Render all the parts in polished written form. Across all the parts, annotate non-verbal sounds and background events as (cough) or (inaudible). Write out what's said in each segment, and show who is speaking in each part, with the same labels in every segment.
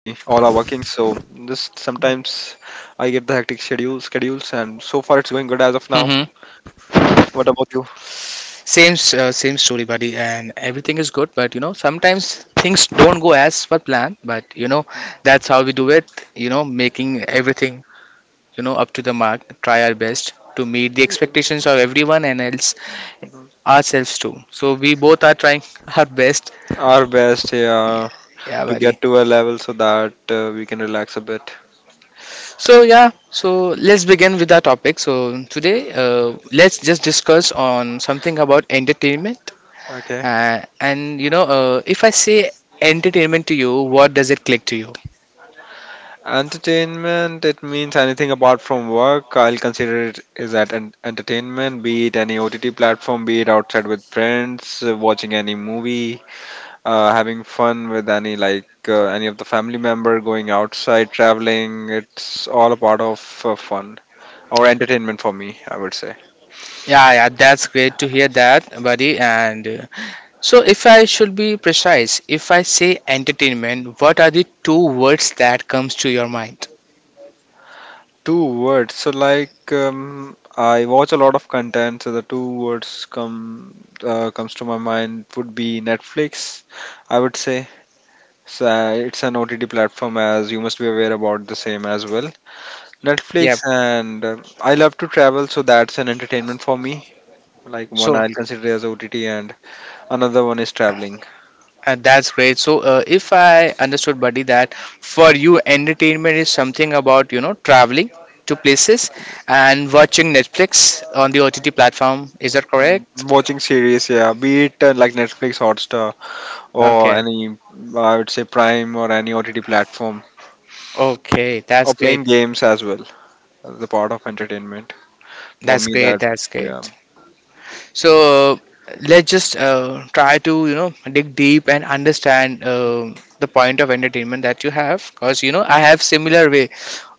Speaker 1: I get the hectic schedules, and so far it's going good as of now.
Speaker 2: hmm
Speaker 1: What about you?
Speaker 2: Same, same story, buddy, and everything is good. But you know, sometimes things don't go as per plan. But you know, that's how we do it. You know, making everything up to the mark. Try our best to meet the expectations of everyone and else ourselves too. So we both are trying (laughs) our best.
Speaker 1: Our best,
Speaker 2: Yeah,
Speaker 1: yeah,
Speaker 2: yeah
Speaker 1: to get
Speaker 2: buddy.
Speaker 1: to a level so that we can relax a bit.
Speaker 2: So yeah, so let's begin with our topic. So today, let's just discuss on something about entertainment.
Speaker 1: Okay.
Speaker 2: If I say entertainment to you, what does it click to you?
Speaker 1: Entertainment, it means anything apart from work. I'll consider it is at an entertainment, be it any OTT platform, be it outside with friends, watching any movie, having fun with any of the family member, going outside, traveling. It's all a part of fun or entertainment for me, I would say.
Speaker 2: Yeah, yeah, that's great to hear that, buddy. If I should be precise, if I say entertainment, what are the two words that comes to your mind?
Speaker 1: Two words. So I watch a lot of content, so the two words come comes to my mind would be Netflix, I would say. So it's an OTT platform as you must be aware about the same as well.
Speaker 2: Yep.
Speaker 1: Netflix and I love to travel, so that's an entertainment for me. Like one
Speaker 2: So.
Speaker 1: I'll consider as OTT and another one is traveling.
Speaker 2: And that's great. So, if I understood, buddy, that for you, entertainment is something about, you know, traveling to places and watching Netflix on the OTT platform. Is that
Speaker 1: Mm,
Speaker 2: correct?
Speaker 1: watching series, yeah, be it like Netflix, Hotstar, or
Speaker 2: Okay.
Speaker 1: any, I would say Prime, or any OTT platform,
Speaker 2: Okay.
Speaker 1: or
Speaker 2: That's great.
Speaker 1: playing games as well as a part of entertainment. For
Speaker 2: That's
Speaker 1: me that,
Speaker 2: great. That's
Speaker 1: yeah.
Speaker 2: great. So, let's just try to, you know, dig deep and understand the point of entertainment that you have. Because, you know, I have similar way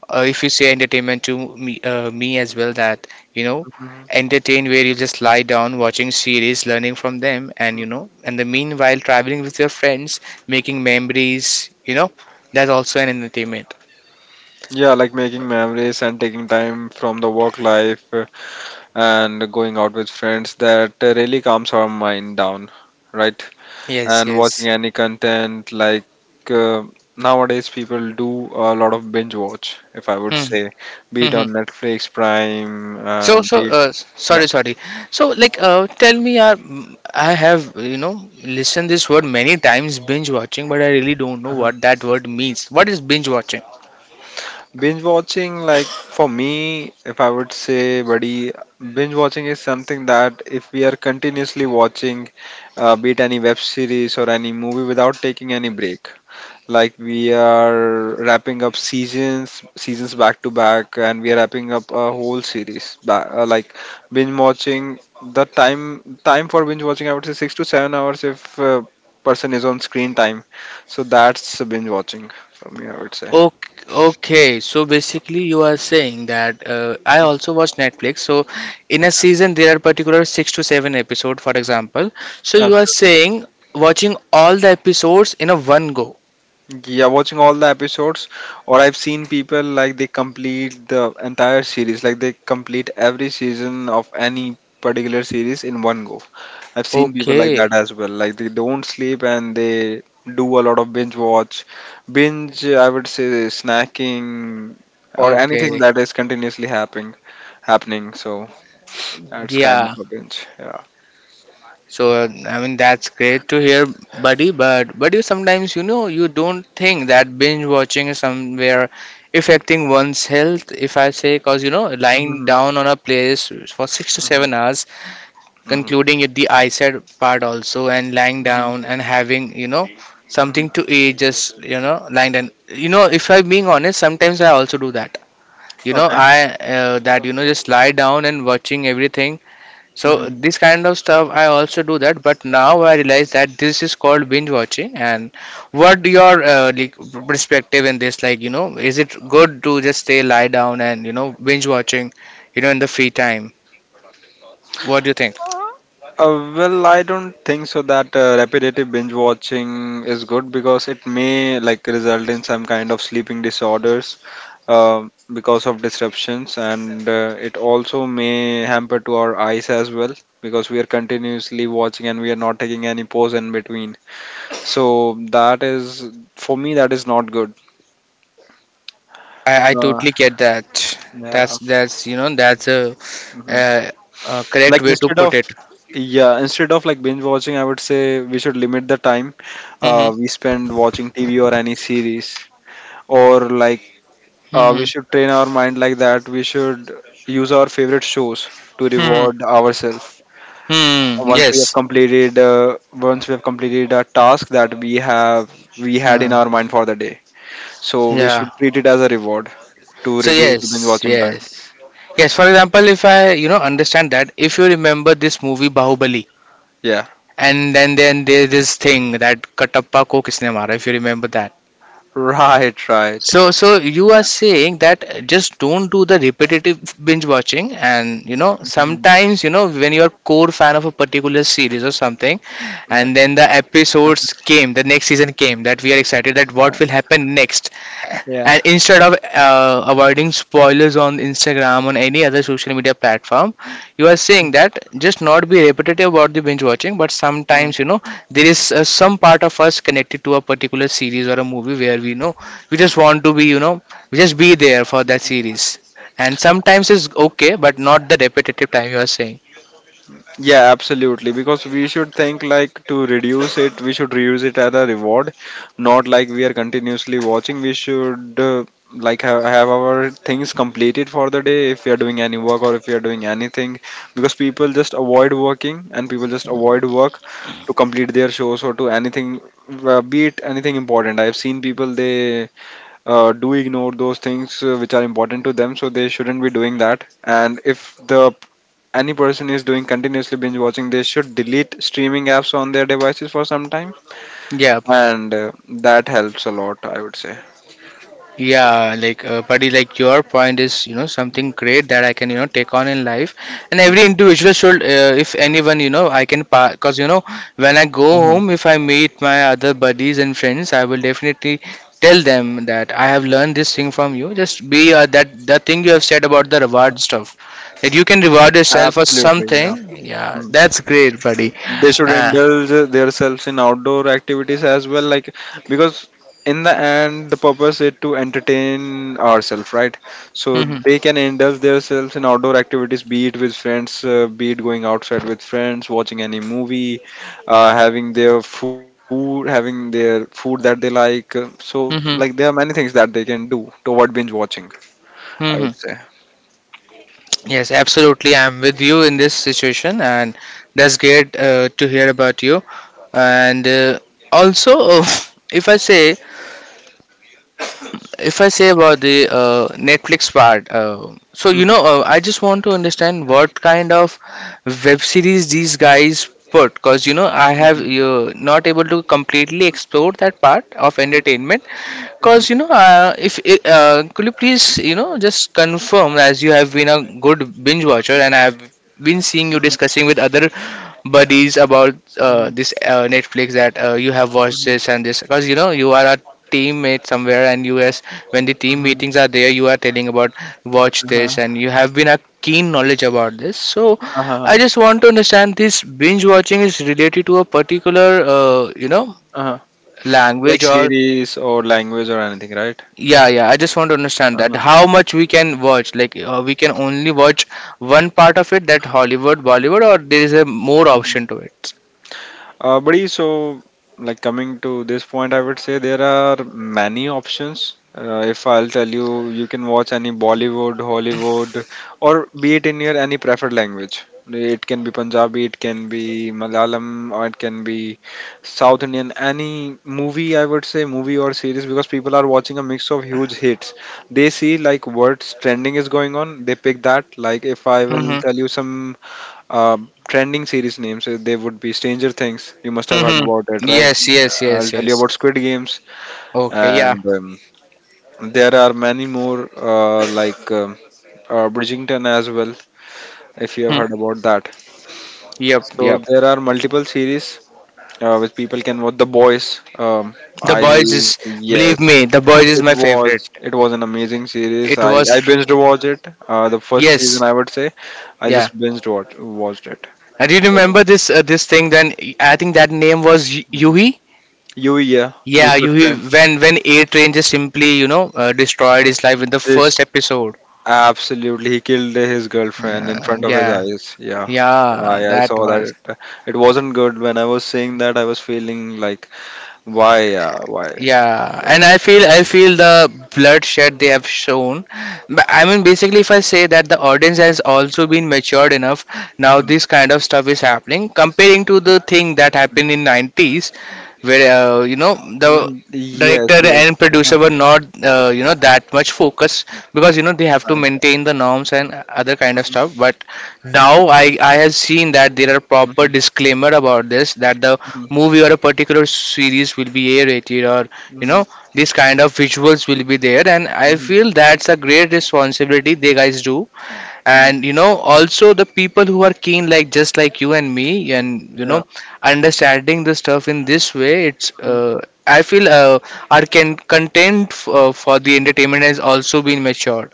Speaker 2: if you say entertainment to me, me as well that you know
Speaker 1: Mhm.
Speaker 2: entertain where you just lie down watching series, learning from them, and you know, and the meanwhile traveling with your friends, making memories, you know, that's also an entertainment.
Speaker 1: Yeah, like making memories and taking time from the work life, and going out with friends that really calms our mind down, right?
Speaker 2: Yes,
Speaker 1: And watching
Speaker 2: yes.
Speaker 1: any content like, uh, nowadays people do a lot of binge watch, if I would
Speaker 2: Hmm.
Speaker 1: say, be it
Speaker 2: Hmm.
Speaker 1: on Netflix, Prime,
Speaker 2: so so
Speaker 1: be it
Speaker 2: uh, s-
Speaker 1: yeah.
Speaker 2: sorry sorry so like tell me, I have, you know, listened this word many times, binge watching, but I really don't know
Speaker 1: uh
Speaker 2: what that word means. What is binge watching?
Speaker 1: Binge watching, like for me, if I would say, buddy, binge watching is something that if we are continuously watching, be it any web series or any movie without taking any break. Like we are wrapping up seasons, seasons back to back, and we are wrapping up a whole series. Like binge watching, the time for binge watching, I would say 6 to 7 hours if person is on screen time. So that's binge watching for me, I would say.
Speaker 2: Okay, okay, so basically you are saying that I also watch Netflix. So in a
Speaker 1: Okay.
Speaker 2: season there are particular six to seven episodes, for example. So you are
Speaker 1: Absolutely.
Speaker 2: saying watching all the episodes in a one go.
Speaker 1: Yeah, watching all the episodes, or I've seen people like they complete the entire series, like they complete every season of any particular series in one go. I've seen people like that
Speaker 2: Okay,
Speaker 1: as well. Like they don't sleep and they do a lot of binge watch, binge. I would say snacking or anything
Speaker 2: okay,
Speaker 1: that is continuously happening. So that's kind of
Speaker 2: yeah.
Speaker 1: a binge. Yeah.
Speaker 2: So I mean that's great to hear, buddy. But you sometimes, you know, you don't think that binge watching is somewhere affecting one's health? If I say, cause you know, lying
Speaker 1: Mm-hmm.
Speaker 2: down on a place for six to
Speaker 1: Mm-hmm.
Speaker 2: seven hours
Speaker 1: Mm-hmm.
Speaker 2: concluding at the eyesight part also, and lying
Speaker 1: Mm-hmm.
Speaker 2: down and having, you know,
Speaker 1: Mm-hmm.
Speaker 2: something to eat, just you know, lying down. You know, if I'm being honest, sometimes I also do that. You know,
Speaker 1: Okay.
Speaker 2: I that you know, just lie down and watching everything. So
Speaker 1: Mm-hmm.
Speaker 2: this kind of stuff I also do, that but now I realize that this is called binge watching. And what your like perspective in this, like you know, is it good to just stay lie down and you know, binge watching, you know, in the free time? What do you think?
Speaker 1: Well, I don't think so that repetitive binge watching is good because it may like result in some kind of sleeping disorders because of disruptions, and it also may hamper to our eyes as well because we are continuously watching and we are not taking any pause in between. So that is for me that is not good.
Speaker 2: I
Speaker 1: Uh,
Speaker 2: totally get that. That's
Speaker 1: yeah.
Speaker 2: that's you know, that's a,
Speaker 1: Hmm.
Speaker 2: uh, a correct
Speaker 1: Like
Speaker 2: way to
Speaker 1: instead
Speaker 2: put
Speaker 1: of,
Speaker 2: it.
Speaker 1: yeah, instead of like binge watching, I would say we should limit the time
Speaker 2: Mm-hmm.
Speaker 1: we spend watching TV or any series, or like,
Speaker 2: Mm-hmm.
Speaker 1: we should train our mind like that. We should use our favorite shows to
Speaker 2: Mm-hmm.
Speaker 1: reward ourselves.
Speaker 2: Mm-hmm.
Speaker 1: Once we have
Speaker 2: Yes.
Speaker 1: completed, once we have completed a task that we had
Speaker 2: Uh,
Speaker 1: in our mind for the day, so we
Speaker 2: yeah.
Speaker 1: should treat it as a reward to
Speaker 2: So
Speaker 1: reduce the binge
Speaker 2: yes,
Speaker 1: watching time.
Speaker 2: yes, yes. For example, if I you know understand, that if you remember this movie Bahubali,
Speaker 1: Yeah,
Speaker 2: and then there this thing that Katappa ko kisne mara, if you remember that.
Speaker 1: (laughs) right, right.
Speaker 2: So, so you are saying that just don't do the repetitive binge watching, and you know
Speaker 1: Mhm.
Speaker 2: sometimes, you know, when you're core fan of a particular series or something,
Speaker 1: Like,
Speaker 2: and then the episodes came, the next season came, that we are excited that what will
Speaker 1: uh,
Speaker 2: happen next,
Speaker 1: yeah.
Speaker 2: and instead of avoiding spoilers on Instagram on any other social media platform, you are saying that just not be repetitive about the binge watching, but sometimes you know there is some part of us connected to a particular series or a movie where we know we just want to be, you know, we just be there for that series and sometimes it's okay, but not the repetitive time you are saying.
Speaker 1: Yeah, absolutely. Because we should think like to reduce it, we should reuse it as a reward, not like we are continuously watching. We should, uh, like have our things completed for the day if we are doing any work or if we are doing anything. Because people just avoid working and people just avoid work to complete their shows or to anything, be it anything important. I've seen people they do ignore those things which are important to them, so they shouldn't be doing that. And if the any person is doing continuously binge watching, they should delete streaming apps on their devices for some time,
Speaker 2: Yeah.
Speaker 1: and that helps a lot, I would say.
Speaker 2: Yeah, like, buddy, like your point is, you know, something great that I can, you know, take on in life. And every
Speaker 1: Hmm.
Speaker 2: individual should, if anyone, you know, I can pass, because, you know, when I go home, if I meet my other buddies and friends, I will definitely tell them that I have learned this thing from you. Just be that, the thing you have said about the reward stuff, that you can reward yourself for
Speaker 1: Absolutely, yeah.
Speaker 2: something. Yeah,
Speaker 1: Mm.
Speaker 2: that's great, buddy.
Speaker 1: They should
Speaker 2: Uh,
Speaker 1: indulge themselves in outdoor activities as well, like because in the end the purpose is to entertain ourselves, right? So
Speaker 2: hmm.
Speaker 1: they can indulge themselves in outdoor activities, be it with friends, be it going outside with friends, watching any movie, uh, having their food that they like, so like
Speaker 2: Hmm.
Speaker 1: there are many things that they can do to avoid binge watching, I
Speaker 2: Hmm.
Speaker 1: would say.
Speaker 2: Yes, absolutely. I'm with you in this situation, and that's great to hear about you. And also, (laughs) if I say if I say about the Netflix part,
Speaker 1: Mhm,
Speaker 2: I just want to understand what kind of web series these guys put, because you know, I have
Speaker 1: mhm,
Speaker 2: you not able to completely explore that part of entertainment,
Speaker 1: mhm,
Speaker 2: because you know, if could you please, you know, just confirm as you have been a good binge watcher, and I have been seeing you
Speaker 1: mhm,
Speaker 2: discussing with other buddies about
Speaker 1: mhm,
Speaker 2: this Netflix that you have
Speaker 1: mhm,
Speaker 2: watched
Speaker 1: mhm,
Speaker 2: this and this, because you know, you are a teammate somewhere and you, as when the team
Speaker 1: mhm,
Speaker 2: meetings are there, you are telling about watch
Speaker 1: uh-huh,
Speaker 2: this and you have been a keen knowledge about this. So I
Speaker 1: uh-huh,
Speaker 2: just want to understand, this binge watching is related to a particular uh, you know
Speaker 1: uh-huh. Like
Speaker 2: language or
Speaker 1: series or language or anything, right?
Speaker 2: yeah, yeah, I just want to understand that
Speaker 1: Uh-huh.
Speaker 2: how much we can watch, like we can only watch one part of it, that Hollywood, Bollywood, or there is a more option to it.
Speaker 1: Buddy, so like coming to this point, I would say there are many options. If I'll tell you, you can watch any Bollywood, Hollywood, or be it in your any preferred language. It can be Punjabi, it can be Malayalam, or it can be South Indian. Any movie, I would say, movie or series, because people are watching a mix of huge hits. They see like what's trending is going on. They pick that. Like if I will
Speaker 2: Mm-hmm.
Speaker 1: tell you some uh, trending series names. They would be Stranger Things. You must have heard
Speaker 2: Mm-hmm.
Speaker 1: about it, right?
Speaker 2: Yes, yes,
Speaker 1: I'll
Speaker 2: yes,
Speaker 1: tell you
Speaker 2: yes.
Speaker 1: about Squid Games,
Speaker 2: Okay, yeah.
Speaker 1: and there are many more Bridgington as well. If you have
Speaker 2: Mhm.
Speaker 1: heard about that,
Speaker 2: Yep,
Speaker 1: so
Speaker 2: yep.
Speaker 1: there are multiple series. Which people can watch, The Boys,
Speaker 2: The
Speaker 1: I'll
Speaker 2: Boys is,
Speaker 1: yes,
Speaker 2: believe me, The Boys is
Speaker 1: it
Speaker 2: my favorite.
Speaker 1: was an amazing series.
Speaker 2: It
Speaker 1: I
Speaker 2: was,
Speaker 1: binged watched it, the first season,
Speaker 2: yes,
Speaker 1: I would say. I
Speaker 2: yeah.
Speaker 1: just binged watched it.
Speaker 2: I, you remember this this thing. Then I think that name was Yuhi.
Speaker 1: You, yeah,
Speaker 2: Yeah,
Speaker 1: Butcher's friend.
Speaker 2: Yuhi. When A Train just simply you know destroyed his life in the
Speaker 1: This,
Speaker 2: first episode.
Speaker 1: absolutely, he killed his girlfriend in front of his
Speaker 2: Yeah,
Speaker 1: eyes. Yeah. Yeah,
Speaker 2: yeah.
Speaker 1: yeah, I
Speaker 2: That
Speaker 1: saw that.
Speaker 2: was.
Speaker 1: It wasn't good. When I was seeing that, I was feeling like, why,
Speaker 2: Yeah, and
Speaker 1: like,
Speaker 2: I feel the bloodshed they have shown. But, I mean, basically, if I say that the audience has also been matured enough, now
Speaker 1: mm,
Speaker 2: this kind of stuff is happening. Comparing to the thing that
Speaker 1: mm,
Speaker 2: happened in 90s, where you know, the
Speaker 1: mm, yes,
Speaker 2: director
Speaker 1: yes.
Speaker 2: and
Speaker 1: Uh-huh.
Speaker 2: producer were not you know, that much focused because you know they have to maintain the norms
Speaker 1: Mhm,
Speaker 2: and other kind of
Speaker 1: mhm,
Speaker 2: stuff. But
Speaker 1: mhm,
Speaker 2: now I have seen that there are proper disclaimer about this, that the
Speaker 1: mhm,
Speaker 2: movie or a particular series will be A rated or you
Speaker 1: mhm,
Speaker 2: know, these kind of visuals will be there, and I
Speaker 1: mhm,
Speaker 2: feel that's a great responsibility they guys do.
Speaker 1: mhm.
Speaker 2: And you know, also the people who are keen, like just like you and me, and you
Speaker 1: Yeah.
Speaker 2: know, understanding the stuff in this way, it's,
Speaker 1: Mhm.
Speaker 2: I feel our can content f- for the entertainment has also been matured,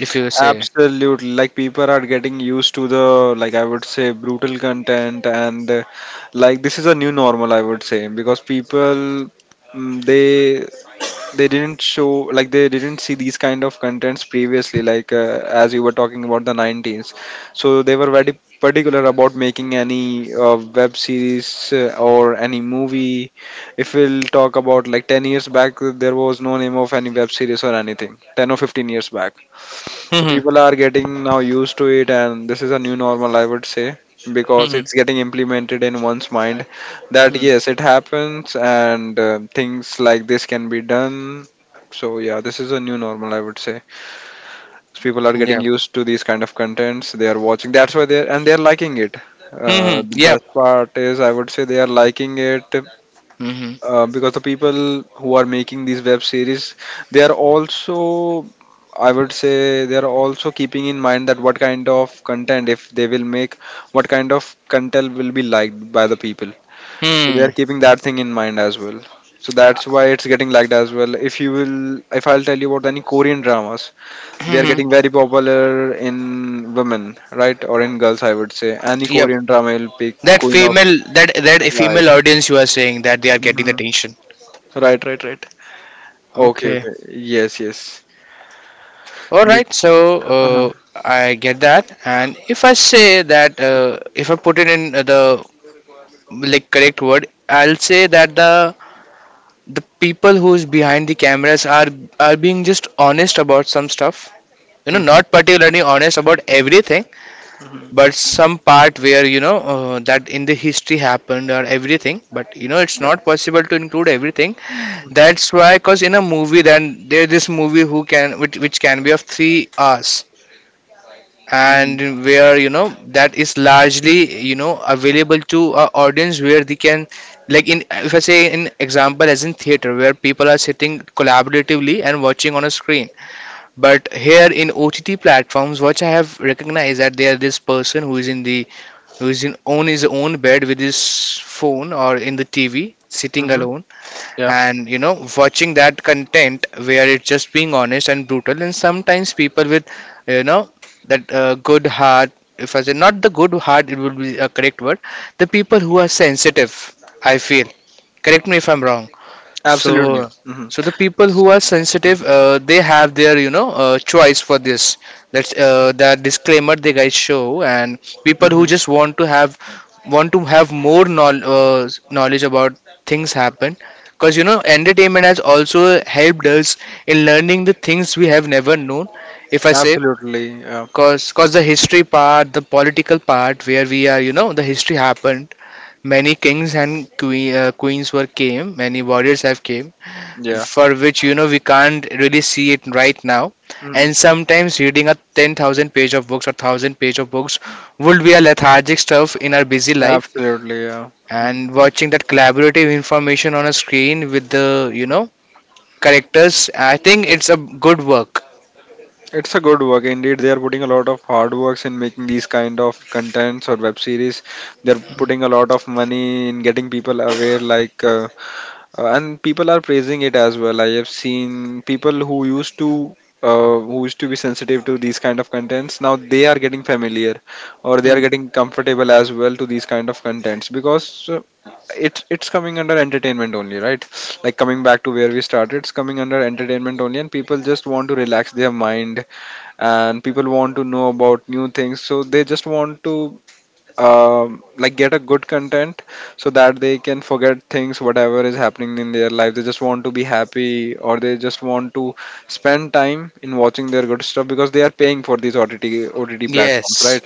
Speaker 2: if you say.
Speaker 1: Absolutely. Like people are getting used to the, like I would say, brutal content, and like this is a new normal, I would say, because people, mm, they didn't show like they didn't see these kind of contents previously, like as you were talking about the 90s, so they were very particular about making any web series or any movie. If we'll talk about like 10 years back, there was no name of any web series or anything 10 or 15 years back. So
Speaker 2: Hmm.
Speaker 1: people are getting now used to it, and this is a new normal, I would say, because
Speaker 2: Hmm.
Speaker 1: it's getting implemented in one's mind that
Speaker 2: Hmm.
Speaker 1: yes, it happens, and things like this can be done. So yeah, this is a new normal, I would say. So people are getting
Speaker 2: Yeah.
Speaker 1: used to these kind of contents. They are watching. That's why they're liking it.
Speaker 2: Hmm.
Speaker 1: The
Speaker 2: Yep.
Speaker 1: best part is, I would say, they are liking it,
Speaker 2: Hmm.
Speaker 1: because the people who are making these web series, they are also, I would say, they are also keeping in mind that what kind of content if they will make, what kind of content will be liked by the people. So they
Speaker 2: Hmm.
Speaker 1: are keeping that thing in mind as well, so that's why it's getting liked as well. If you will if I'll tell you about any Korean dramas, they are
Speaker 2: Hmm.
Speaker 1: getting very popular in women, right, or in girls, I would say. Any
Speaker 2: Yep.
Speaker 1: Korean drama will pick,
Speaker 2: That
Speaker 1: Queen of
Speaker 2: female, that
Speaker 1: Light.
Speaker 2: female audience you are saying that they are getting the
Speaker 1: Mhm.
Speaker 2: attention.
Speaker 1: Right, right, right. Okay,
Speaker 2: Okay.
Speaker 1: okay. Yes, yes.
Speaker 2: All
Speaker 1: Be-
Speaker 2: right. So
Speaker 1: uh-huh.
Speaker 2: I get that. And if I say that, if I put it in the like correct word, I'll say that the people who's behind the cameras are being just honest about some stuff. You know,
Speaker 1: Mhm.
Speaker 2: not particularly honest about everything, but some part where you know that in the history happened or everything, but you know it's
Speaker 1: Yeah.
Speaker 2: not possible to include everything. That's why, because in a movie, then there this movie who can which can be of 3 hours
Speaker 1: Hmm.
Speaker 2: and where you know that is largely you know available to a audience where they can, like in, if I say in example, as in theater, where people are sitting collaboratively and watching on a screen, but here in OTT platforms, what I have recognized that there this person who is in, on his own bed with his phone or in the TV, sitting
Speaker 1: Hmm.
Speaker 2: alone,
Speaker 1: Yeah.
Speaker 2: and you know watching that content where it's just being honest and brutal. And sometimes people with you know that good heart, if I say, not the good heart, it would be a correct word. The people who are sensitive, I feel. Correct me if I'm wrong.
Speaker 1: Absolutely.
Speaker 2: So,
Speaker 1: Hmm.
Speaker 2: so the people who are sensitive, they have their, you know, choice for this. That's that disclaimer they guys show, and people who
Speaker 1: Hmm.
Speaker 2: just want to have more knowledge about things happen, because you know, entertainment has also helped us in learning the things we have never known. If I say,
Speaker 1: Absolutely. Yeah.
Speaker 2: cause the history part, the political part, where we are, you know, the history happened. Many kings and queens were came. Many warriors have came
Speaker 1: Yeah.
Speaker 2: for which we can't really see it right now,
Speaker 1: Mhm.
Speaker 2: and sometimes reading a 10,000 page of books or 1,000 page of books would be a lethargic stuff in our busy life,
Speaker 1: Absolutely. Yeah. Mhm.
Speaker 2: and watching that collaborative information on a screen with the characters, I think it's a good work.
Speaker 1: It's a good work indeed. They are putting a lot of hard works in making these kind of contents or web series. They're putting a lot of money in getting people aware, like and people are praising it as well. I have seen people who used to be sensitive to these kind of contents. Now they are getting familiar, or they are
Speaker 2: Hmm.
Speaker 1: getting comfortable as well to these kind of contents, because it, it's coming under entertainment only, right? Like coming back to where we started, it's coming under entertainment only, and people just want to relax their mind, and people want to know about new things, so they just want to, like, get a good content so that they can forget things whatever is happening in their life. They just want to be happy, or they just want to spend time in watching their good stuff, because they are paying for these ott platforms,
Speaker 2: Yes,
Speaker 1: right?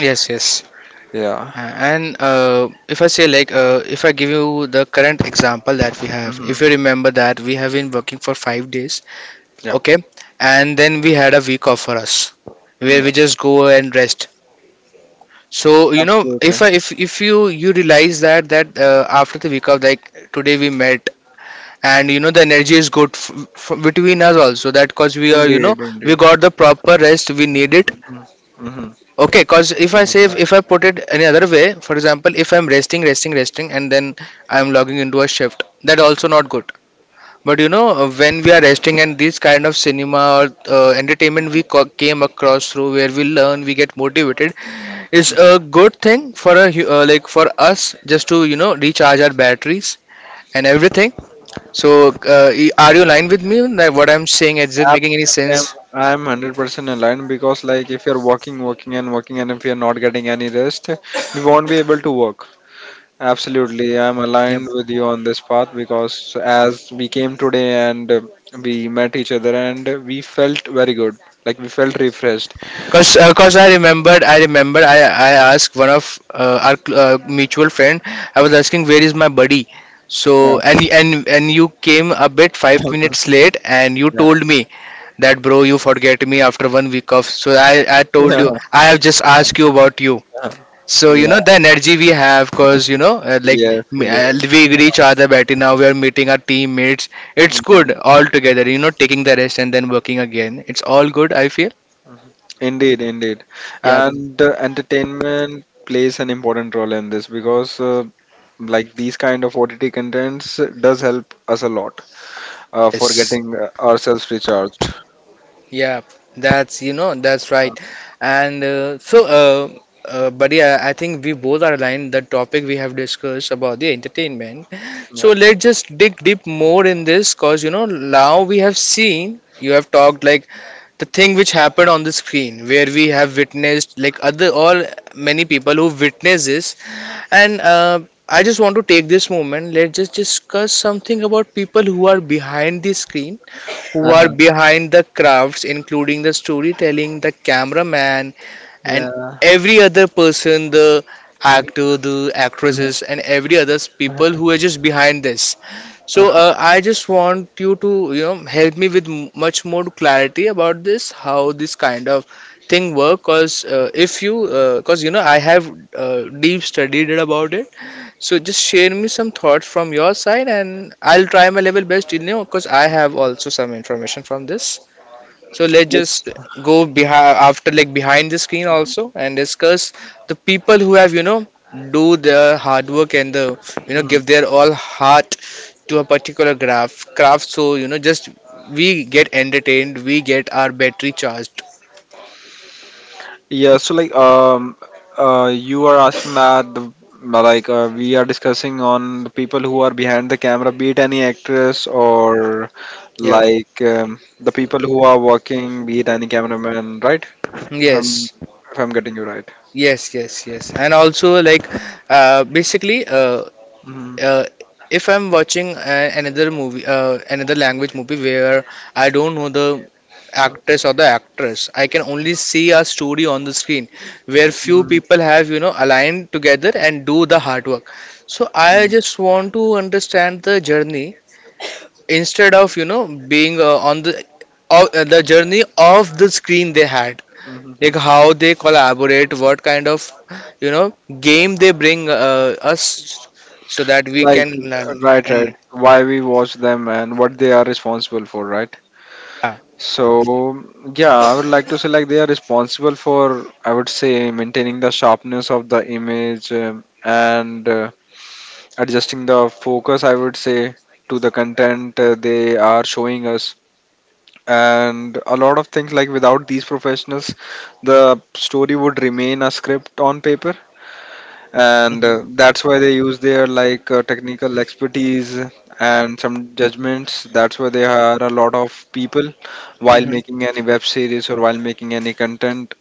Speaker 2: yes, yes.
Speaker 1: Yeah.
Speaker 2: And if I say like, if I give you the current example that we have, if
Speaker 1: Mm-hmm.
Speaker 2: you remember that we have been working for 5 days.
Speaker 1: Yeah,
Speaker 2: Okay. And then we had a week off for us where
Speaker 1: yeah,
Speaker 2: we just go and rest. So
Speaker 1: absolutely.
Speaker 2: if I, if you you realize that that after the week off, like today we met, and you know the energy is good between us also, that cause we are,
Speaker 1: Indeed,
Speaker 2: we
Speaker 1: indeed.
Speaker 2: got the proper rest we need it.
Speaker 1: Mm-hmm.
Speaker 2: Okay. Cause if I say,
Speaker 1: absolutely
Speaker 2: if I put it any other way, for example, if I'm resting and then I'm logging into a shift, that also not good. But when we are resting and this kind of cinema or entertainment we came across through, where we learn, we get motivated, is a good thing for a like for us just to recharge our batteries and everything. So, are you aligned with me? Like what I'm saying, is it
Speaker 1: I'm
Speaker 2: making any sense?
Speaker 1: I'm 100% aligned because like if you're working and working, and if you're not getting any rest, we won't be able to work. Absolutely, I'm aligned with you on this path because as we came today and we met each other and we felt very good, like we felt refreshed.
Speaker 2: Cause, cause I remembered. I asked one of our mutual friend. I was asking where is my buddy. So
Speaker 1: Yeah,
Speaker 2: and you came a bit five
Speaker 1: (laughs)
Speaker 2: minutes late, and you
Speaker 1: yeah,
Speaker 2: told me that bro, you forget me after 1 week off. So I told
Speaker 1: yeah,
Speaker 2: you I have just asked you about you. So you know
Speaker 1: Yeah.
Speaker 2: the energy we have, cause you know like
Speaker 1: Yes, yes.
Speaker 2: we greet each other better now. We are meeting our teammates. It's
Speaker 1: Mhm.
Speaker 2: good all together. You know, taking the rest and then working again. It's all good, I feel.
Speaker 1: Indeed, indeed.
Speaker 2: Yeah.
Speaker 1: And entertainment plays an important role in this because like these kind of OTT contents does help us a lot for
Speaker 2: Yes.
Speaker 1: getting ourselves recharged.
Speaker 2: Yeah, that's, you know, that's
Speaker 1: Uh,
Speaker 2: right. And so, buddy, I think we both are aligned. The topic we have discussed about the entertainment.
Speaker 1: Yeah.
Speaker 2: So let's just dig deep more in this, cause you know now we have seen, you have talked like the thing which happened on the screen where we have witnessed, like other all, many people who witness this, and I just want to take this moment. Let's just discuss something about people who are behind the screen, were
Speaker 1: Uh-huh.
Speaker 2: behind the crafts, including the storytelling, the cameraman, and
Speaker 1: Yeah.
Speaker 2: every other person, the
Speaker 1: Mhm.
Speaker 2: actor, the actresses, and every other people who are just behind this. So
Speaker 1: Uh-huh.
Speaker 2: I just want you to you know help me with much more clarity about this, how this kind of thing work. Cause if you, cause you know I have deep studied about it, so just share me some thoughts from your side, and I'll try my level best in know because I have also some information from this. So let's just go behind after, like behind the screen also, and discuss the people who have, you know, do the hard work and the, you know,
Speaker 1: Mm.
Speaker 2: give their all heart to a particular graph craft. So you know just we get entertained, we get our battery charged.
Speaker 1: So, you are asking that the, like we are discussing on the people who are behind the camera, be it any actress, or
Speaker 2: Yeah.
Speaker 1: the people who are working, be it any cameraman, right? If I'm
Speaker 2: Yes.
Speaker 1: if I'm getting you right.
Speaker 2: Yes. Yes. Yes. And also like basically
Speaker 1: Mhm.
Speaker 2: uh, if I'm watching another movie, another language movie where I don't know the actress or the actress, I can only see a story on the screen where few
Speaker 1: Mhm.
Speaker 2: people have, you know, aligned together and do the hard work. So I just want to understand the journey instead of, you know, being on the journey of the screen they had, like
Speaker 1: Mhm.
Speaker 2: how they collaborate, what kind of, you know, game they bring us, so that we
Speaker 1: Like
Speaker 2: can learn
Speaker 1: right,
Speaker 2: and
Speaker 1: Why we watch them and what they are responsible for, right?
Speaker 2: yeah.
Speaker 1: So yeah, I would like to say like they are responsible for, I would say, maintaining the sharpness of the image, and adjusting the focus, I would say, to the content they are showing us, and a lot of things, like without these professionals the story would remain a script on paper. And
Speaker 2: Hmm.
Speaker 1: that's why they use their technical expertise and some judgments. That's why they hire a lot of people while
Speaker 2: Hmm.
Speaker 1: making any web series or while making any content.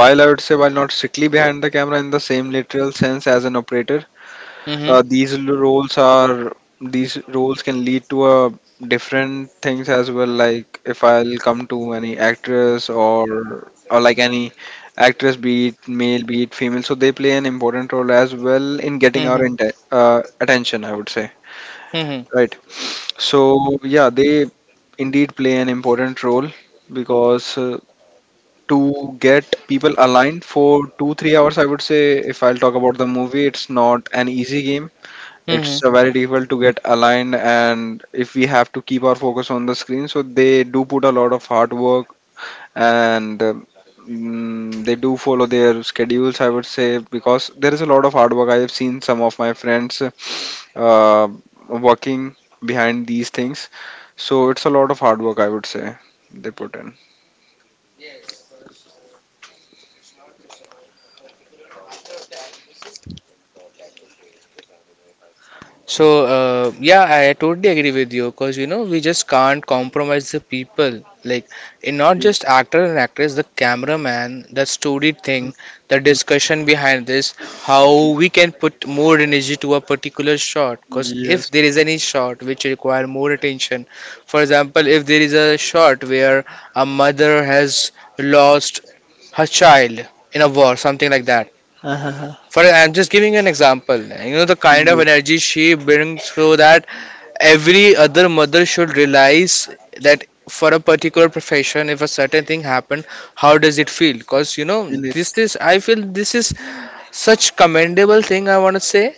Speaker 1: While, I would say, while not strictly behind the camera in the same literal sense as an operator,
Speaker 2: Hmm.
Speaker 1: roles are, these roles can lead to different things as well. Like, if I'll come to any actress, or like any actress, be it male, be it female, so they play an important role as well in getting our
Speaker 2: Hmm.
Speaker 1: attention, I would say.
Speaker 2: Hmm.
Speaker 1: Right. So yeah, they indeed play an important role, because to get people aligned for 2-3 hours, I would say, if I'll talk about the movie, it's not an easy game.
Speaker 2: Hmm.
Speaker 1: It's very difficult to get aligned, and if we have to keep our focus on the screen, so they do put a lot of hard work. And they do follow their schedules, I would say, because there is a lot of hard work. I have seen some of my friends uh, working behind these things, so it's a lot of hard work, I would say, they put in.
Speaker 2: So, yeah, I totally agree with you because you know, we just can't compromise the people. Like, in not just actor and actress, the cameraman, the story thing, the discussion behind this, how we can put more energy to a particular shot. Because if there is any shot which require more attention, for example, if there is a shot where a mother has lost her child in a war, something like that.
Speaker 1: (laughs)
Speaker 2: For I'm just giving an example. You know the kind of energy she brings, so that every other mother should realize that for a particular profession, if a certain thing happened, how does it feel? Because you know,
Speaker 1: Uh-huh.
Speaker 2: this is, I feel this is such commendable thing I want to say.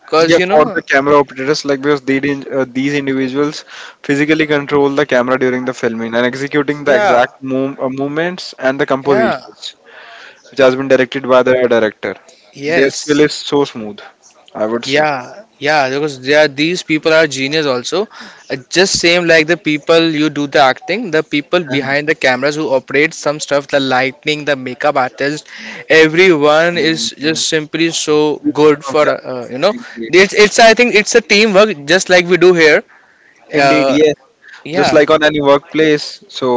Speaker 2: Because
Speaker 1: Yeah,
Speaker 2: you
Speaker 1: for
Speaker 2: know,
Speaker 1: the camera operators, like because they didn't, these individuals physically control the camera during the filming and executing the
Speaker 2: yeah,
Speaker 1: exact movements and the
Speaker 2: yeah,
Speaker 1: compositions, which has been directed by the director. Their skill is
Speaker 2: yes.
Speaker 1: so smooth, I would say.
Speaker 2: Yeah, yeah, because they are, these people are genius also. Just same like the people you do the acting, the people behind the cameras who operate some stuff, the lighting, the makeup artist, everyone is just
Speaker 1: Yes,
Speaker 2: simply so
Speaker 1: each
Speaker 2: good
Speaker 1: one of
Speaker 2: for
Speaker 1: them,
Speaker 2: you know.
Speaker 1: indeed.
Speaker 2: It's I think it's a teamwork just like we do here.
Speaker 1: Indeed,
Speaker 2: Uh,
Speaker 1: yes. Just
Speaker 2: yeah,
Speaker 1: like on any workplace, so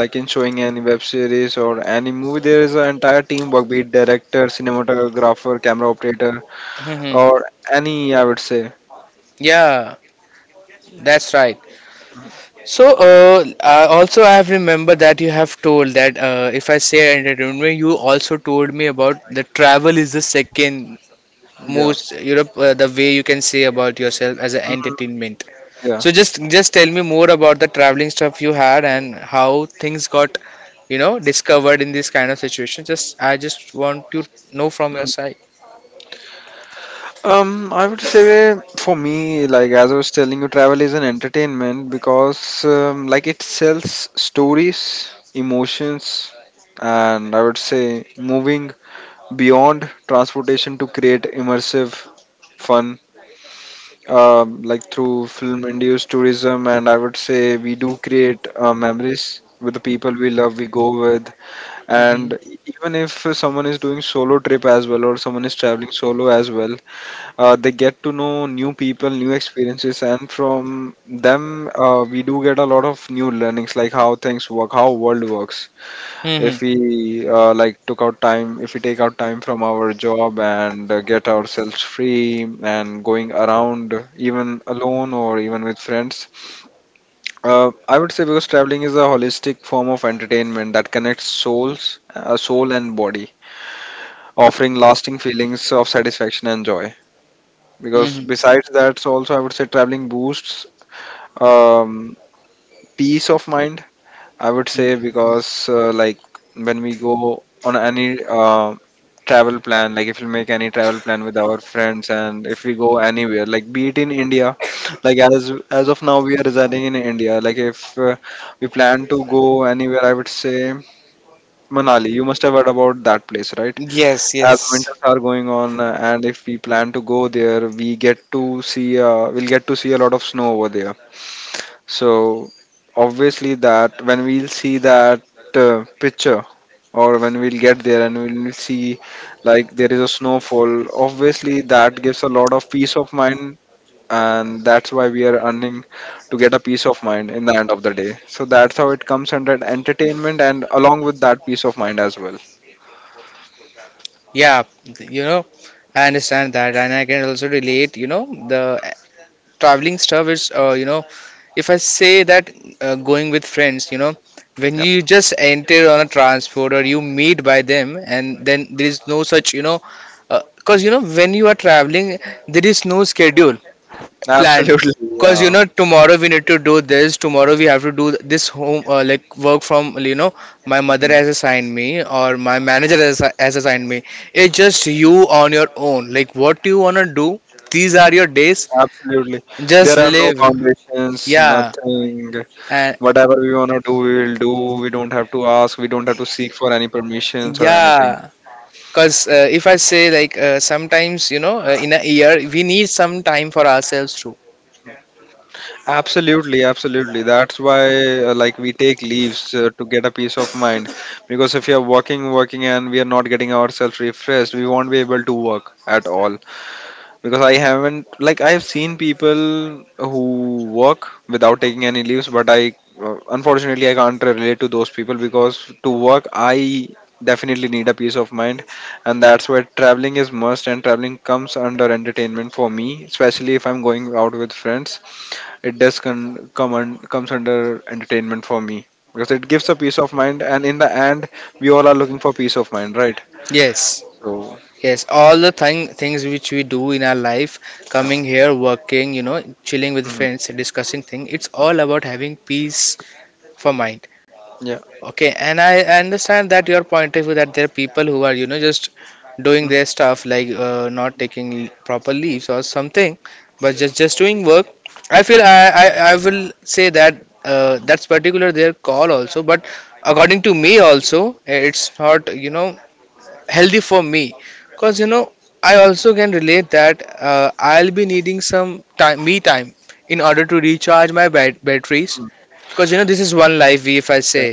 Speaker 1: like in showing any web series or any movie, there is an entire teamwork, be it director, cinematographer, camera operator,
Speaker 2: (laughs) hmm
Speaker 1: or any, I would say.
Speaker 2: yeah, that's right. So, I also I have remembered that you have told that if I say entertainment, you also told me about the travel is the second
Speaker 1: Yeah.
Speaker 2: most Europe, the way you can say about yourself as an
Speaker 1: Mhm,
Speaker 2: entertainment.
Speaker 1: Yeah.
Speaker 2: So just tell me more about the traveling stuff you had and how things got, you know, discovered in this kind of situation. Just I just want to know from your
Speaker 1: Mm.
Speaker 2: side.
Speaker 1: I would say for me, like as I was telling you, travel is an entertainment because like it sells stories, emotions, and I would say moving beyond transportation to create immersive fun. Like through film-induced tourism, and I would say we do create memories with the people we love, we go with,
Speaker 2: Mm-hmm.
Speaker 1: and even if someone is doing solo trip as well, or someone is traveling solo as well, they get to know new people, new experiences, and from them, we do get a lot of new learnings, like how things work, how world works.
Speaker 2: Hmm.
Speaker 1: If we like took out time, If we take out time from our job and get ourselves free and going around, even alone or even with friends, I would say because traveling is a holistic form of entertainment that connects soul and body, offering lasting feelings of satisfaction and joy. Because
Speaker 2: Mm-hmm.
Speaker 1: besides that, so also I would say traveling boosts um, peace of mind, I would say, because when we go on any uh, travel plan, like if we make any travel plan with our friends, and if we go anywhere, like be it in india, like as of now we are residing in india, like if we plan to go anywhere, I would say, manali, you must have heard about that place, right?
Speaker 2: Yes,
Speaker 1: As
Speaker 2: yes.
Speaker 1: winters are going on, and if we plan to go there, we get to see, we'll get to see a lot of snow over there. So obviously that when we'll see that picture, or when we'll get there and we'll see like there is a snowfall, obviously that gives a lot of peace of mind, and that's why we are earning to get a peace of mind in the end of the day. So that's how it comes under entertainment, and along with that, peace of mind as well.
Speaker 2: Yeah, you know, I understand that, and I can also relate. You know, the traveling stuff is, you know, if I say that going with friends, you know, when
Speaker 1: Yep.
Speaker 2: you just enter on a transport or you meet by them, and then there is no such, you know, because you know when you are traveling, there is no schedule planned,
Speaker 1: Absolutely. (laughs)
Speaker 2: because you
Speaker 1: Yeah.
Speaker 2: know tomorrow we need to do this, tomorrow we have to do this home, like work from you know my mother
Speaker 1: Mm-hmm.
Speaker 2: has assigned me or my manager has assigned me. It's just you on your own, like what you want to do. These are your days,
Speaker 1: Absolutely.
Speaker 2: just
Speaker 1: There are no
Speaker 2: live.
Speaker 1: foundations,
Speaker 2: Yeah.
Speaker 1: nothing.
Speaker 2: And
Speaker 1: Whatever we want to do, we will do. We don't have to ask. We don't have to seek for any permissions or anything.
Speaker 2: yeah, because if I say like, sometimes you know in a year we need some time for ourselves too.
Speaker 1: Absolutely, absolutely. That's why, like, we take leaves to get a peace of mind. Because if we are working, and we are not getting ourselves refreshed, we won't be able to work at all. Because I haven't, like I've seen people who work without taking any leaves, but I unfortunately I can't relate to those people, because to work I definitely need a peace of mind, and that's where traveling is must, and traveling comes under entertainment for me, especially if I'm going out with friends. It does comes under entertainment for me because it gives a peace of mind, and in the end we all are looking for peace of mind, right?
Speaker 2: Yes.
Speaker 1: So
Speaker 2: Yes, all the things which we do in our life, coming here, working, you know, chilling with
Speaker 1: mm,
Speaker 2: friends, discussing thing, it's all about having peace for mind.
Speaker 1: yeah.
Speaker 2: Okay, and I understand that your point of view that there are people who are, you know, just doing
Speaker 1: Mm,
Speaker 2: their stuff like, not taking proper leaves or something, but just doing work. I feel I, I will say that that's particular their call also, but according to me also, it's not, you know, healthy for me because you know I also can relate that I'll be needing some time, me time, in order to recharge my batteries,
Speaker 1: mm,
Speaker 2: because you know this is one life we. If I say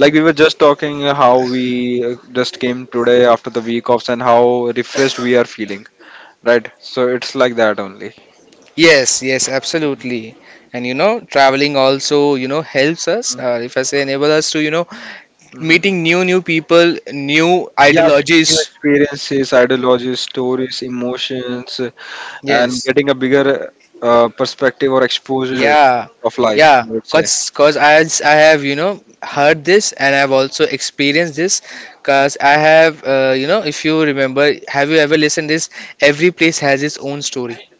Speaker 1: Like we were just talking how we just came today after the week offs and how refreshed we are feeling, right? So it's like that only.
Speaker 2: yes, yes, absolutely. And you know, traveling also, you know, helps us, if I say enable us to, you know,
Speaker 1: Mhm.
Speaker 2: meeting new people, new
Speaker 1: Yeah, getting
Speaker 2: ideologies.
Speaker 1: new experiences, ideologies, stories, emotions, and
Speaker 2: Yes.
Speaker 1: getting a bigger perspective or exposure
Speaker 2: Yeah,
Speaker 1: of life,
Speaker 2: yeah,
Speaker 1: I would say.
Speaker 2: cause, cause I have, you know,
Speaker 1: Mhm.
Speaker 2: heard this, and I've also experienced this. Cause I have, you know, if you remember, have you ever listened this? Every place has its own story.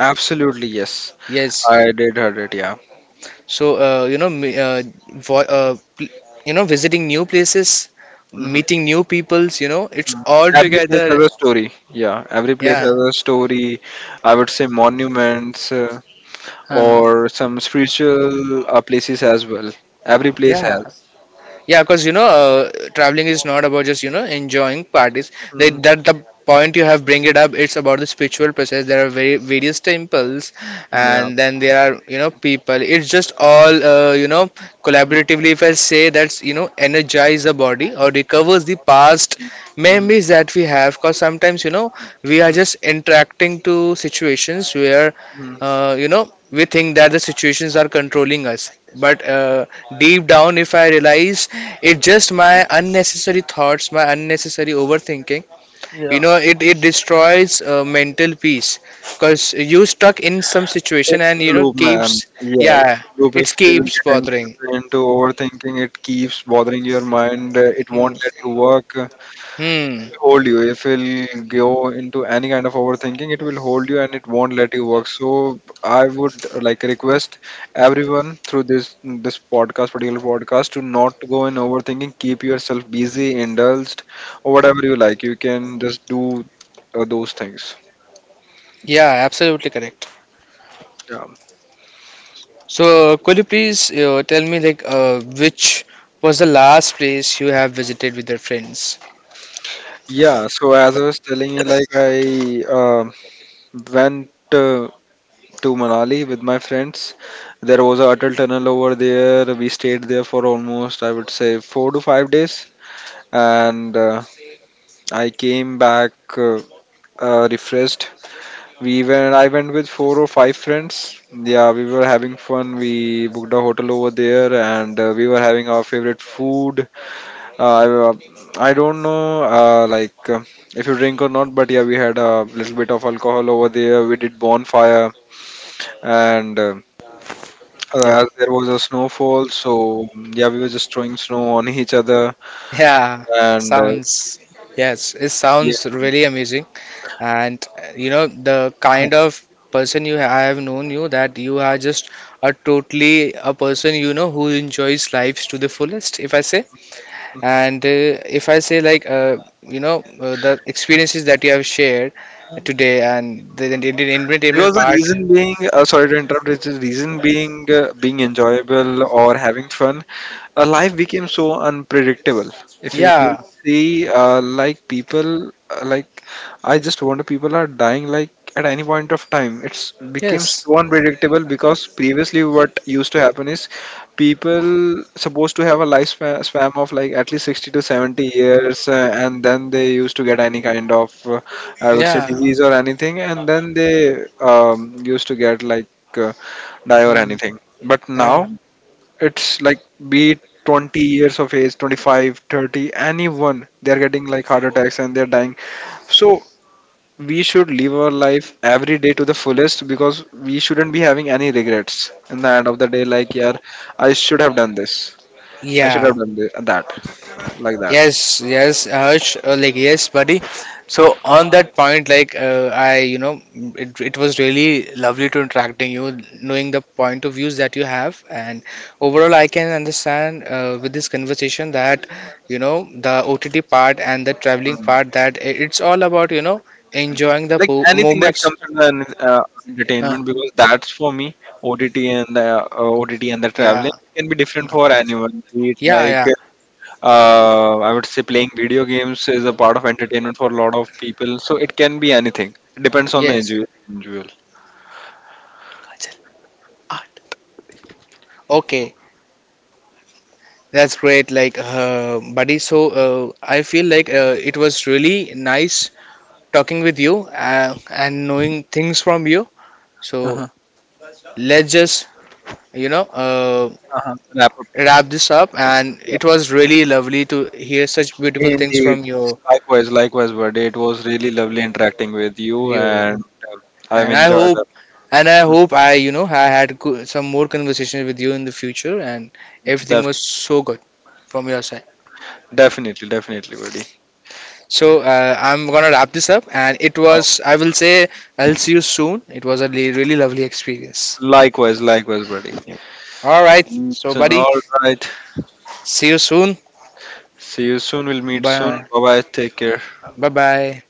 Speaker 1: Absolutely, yes.
Speaker 2: Yes.
Speaker 1: I did heard it, yeah.
Speaker 2: So, you know, vo- uh, pl- you know, visiting new places,
Speaker 1: Mhm.
Speaker 2: meeting new peoples, you know, it's
Speaker 1: Mhm.
Speaker 2: all
Speaker 1: Every place
Speaker 2: together.
Speaker 1: has a story. Yeah, every place
Speaker 2: Yeah.
Speaker 1: has a story. I would say monuments.
Speaker 2: Uh,
Speaker 1: Or some spiritual places as well. Every place
Speaker 2: yeah.
Speaker 1: has.
Speaker 2: Yeah, because you know, traveling is not about just you know enjoying parties. They,
Speaker 1: Mm,
Speaker 2: that the point you have bring it up. It's about the spiritual process. There are very various temples,
Speaker 1: yeah.
Speaker 2: and then there are, you know, people. It's just all, you know,
Speaker 1: Mm,
Speaker 2: collaboratively. If I say that's, you know, energize the body or recovers the past
Speaker 1: mm,
Speaker 2: memories that we have. Because sometimes you know we are
Speaker 1: mm,
Speaker 2: just interacting to situations where
Speaker 1: mm.
Speaker 2: you know we think that the situations are controlling us, but deep down if I realize, it just my unnecessary thoughts, my unnecessary overthinking. You
Speaker 1: Yeah.
Speaker 2: know, it destroys mental peace because you stuck in some situation
Speaker 1: It's
Speaker 2: and
Speaker 1: a
Speaker 2: you know
Speaker 1: loop, man.
Speaker 2: keeps.
Speaker 1: Yeah,
Speaker 2: Yeah,
Speaker 1: it's a loop.
Speaker 2: it
Speaker 1: If you
Speaker 2: keeps
Speaker 1: get into,
Speaker 2: bothering.
Speaker 1: into overthinking, it keeps bothering your mind. It
Speaker 2: Hmm.
Speaker 1: won't let you work.
Speaker 2: Hmm.
Speaker 1: Hold you, if you'll go into any kind of overthinking, it will hold you and it won't let you work. So I would like request everyone through this podcast, particular podcast, to not go in overthinking. Keep yourself busy, indulged, or whatever you like, you can just do those things.
Speaker 2: Yeah, absolutely correct.
Speaker 1: Yeah,
Speaker 2: So could you please tell me like, which was the last place you have visited with your friends?
Speaker 1: yeah. So as I was telling you, like I went to Manali with my friends. There was a Atal Tunnel over there. We stayed there for almost, I would say, 4 to 5 days, and I came back refreshed. We went. I went with four or five friends. Yeah, we were having fun. We booked a hotel over there, and we were having our favorite food. I don't know, if you drink or not, but yeah, we had a little bit of alcohol over there. We did bonfire and, as there was a snowfall, so yeah, we were just throwing snow on each other,
Speaker 2: Yeah,
Speaker 1: and
Speaker 2: sounds, yes, it
Speaker 1: yeah,
Speaker 2: sounds really amazing. And you know, the
Speaker 1: uh-huh.
Speaker 2: kind of person you I have known you, that you are just a totally a person, you know, who enjoys lives to the fullest, if I say. And if I say like, you know, the experiences that you have shared today and the entertainment
Speaker 1: Because the
Speaker 2: part,
Speaker 1: reason being, sorry to interrupt, it's the reason being being enjoyable or having fun. Life became so unpredictable. If you will
Speaker 2: yeah,
Speaker 1: see, like people like I just wonder, people are dying, like at any point of time, it's became
Speaker 2: yes,
Speaker 1: so unpredictable, because previously what used to happen is people supposed to have a lifespan span of like at least 60 to 70 years, and then they used to get any kind of, I would say,
Speaker 2: yeah,
Speaker 1: disease or anything, and then they um, used to get like uh, die or
Speaker 2: mm,
Speaker 1: anything. But
Speaker 2: yeah.
Speaker 1: now it's like, be it 20 years of age, 25, 30, anyone, they're getting like heart attacks and they're dying. So we should live our life every day to the fullest, because we shouldn't be having any regrets in the end of the day. Like, yeah, I should have done this. I should have
Speaker 2: Yeah,
Speaker 1: done this, that, like that.
Speaker 2: yes, yes, Harsh, like yes, buddy. So on that point, like, you know, it was really lovely to interacting you, knowing the point of views that you have, and overall, I can understand with this conversation that, you know, the OTT part and the traveling
Speaker 1: Mm.
Speaker 2: part that it's all about, you know, enjoying the
Speaker 1: Like
Speaker 2: po
Speaker 1: anything that
Speaker 2: moments.
Speaker 1: comes under
Speaker 2: Huh,
Speaker 1: entertainment, because that's for me. OTT and the OTT and the traveling
Speaker 2: yeah,
Speaker 1: can be different for anyone. Be it
Speaker 2: yeah,
Speaker 1: like,
Speaker 2: yeah.
Speaker 1: I would say, playing video games is a part of entertainment for a lot of people. So it can be anything. It depends on the
Speaker 2: Yes.
Speaker 1: individual.
Speaker 2: Okay. That's great, like, buddy. So, I feel like it was really nice talking with you and knowing things from you. So,
Speaker 1: Uh-huh.
Speaker 2: let's just, you know,
Speaker 1: Uh-huh. Wrap up.
Speaker 2: wrap this up. And
Speaker 1: Yeah.
Speaker 2: it was really lovely to hear such beautiful things
Speaker 1: Indeed.
Speaker 2: from you,
Speaker 1: Likewise, likewise, buddy. It was really lovely interacting with you,
Speaker 2: you.
Speaker 1: and I've
Speaker 2: And I
Speaker 1: enjoyed
Speaker 2: hope,
Speaker 1: it.
Speaker 2: and I
Speaker 1: Mm,
Speaker 2: hope you know, I had some more conversations with you in the future, and everything
Speaker 1: Def
Speaker 2: was so good from your side.
Speaker 1: definitely, definitely, buddy.
Speaker 2: So I'm gonna wrap this up, and it
Speaker 1: Oh,
Speaker 2: was I will say I'll see you soon. It was a really lovely experience.
Speaker 1: Likewise, likewise, buddy.
Speaker 2: Yep. All right. So
Speaker 1: So,
Speaker 2: buddy,
Speaker 1: all right.
Speaker 2: see you soon.
Speaker 1: See you soon. We'll meet soon.
Speaker 2: Bye.
Speaker 1: Bye bye. Take care.
Speaker 2: Bye bye.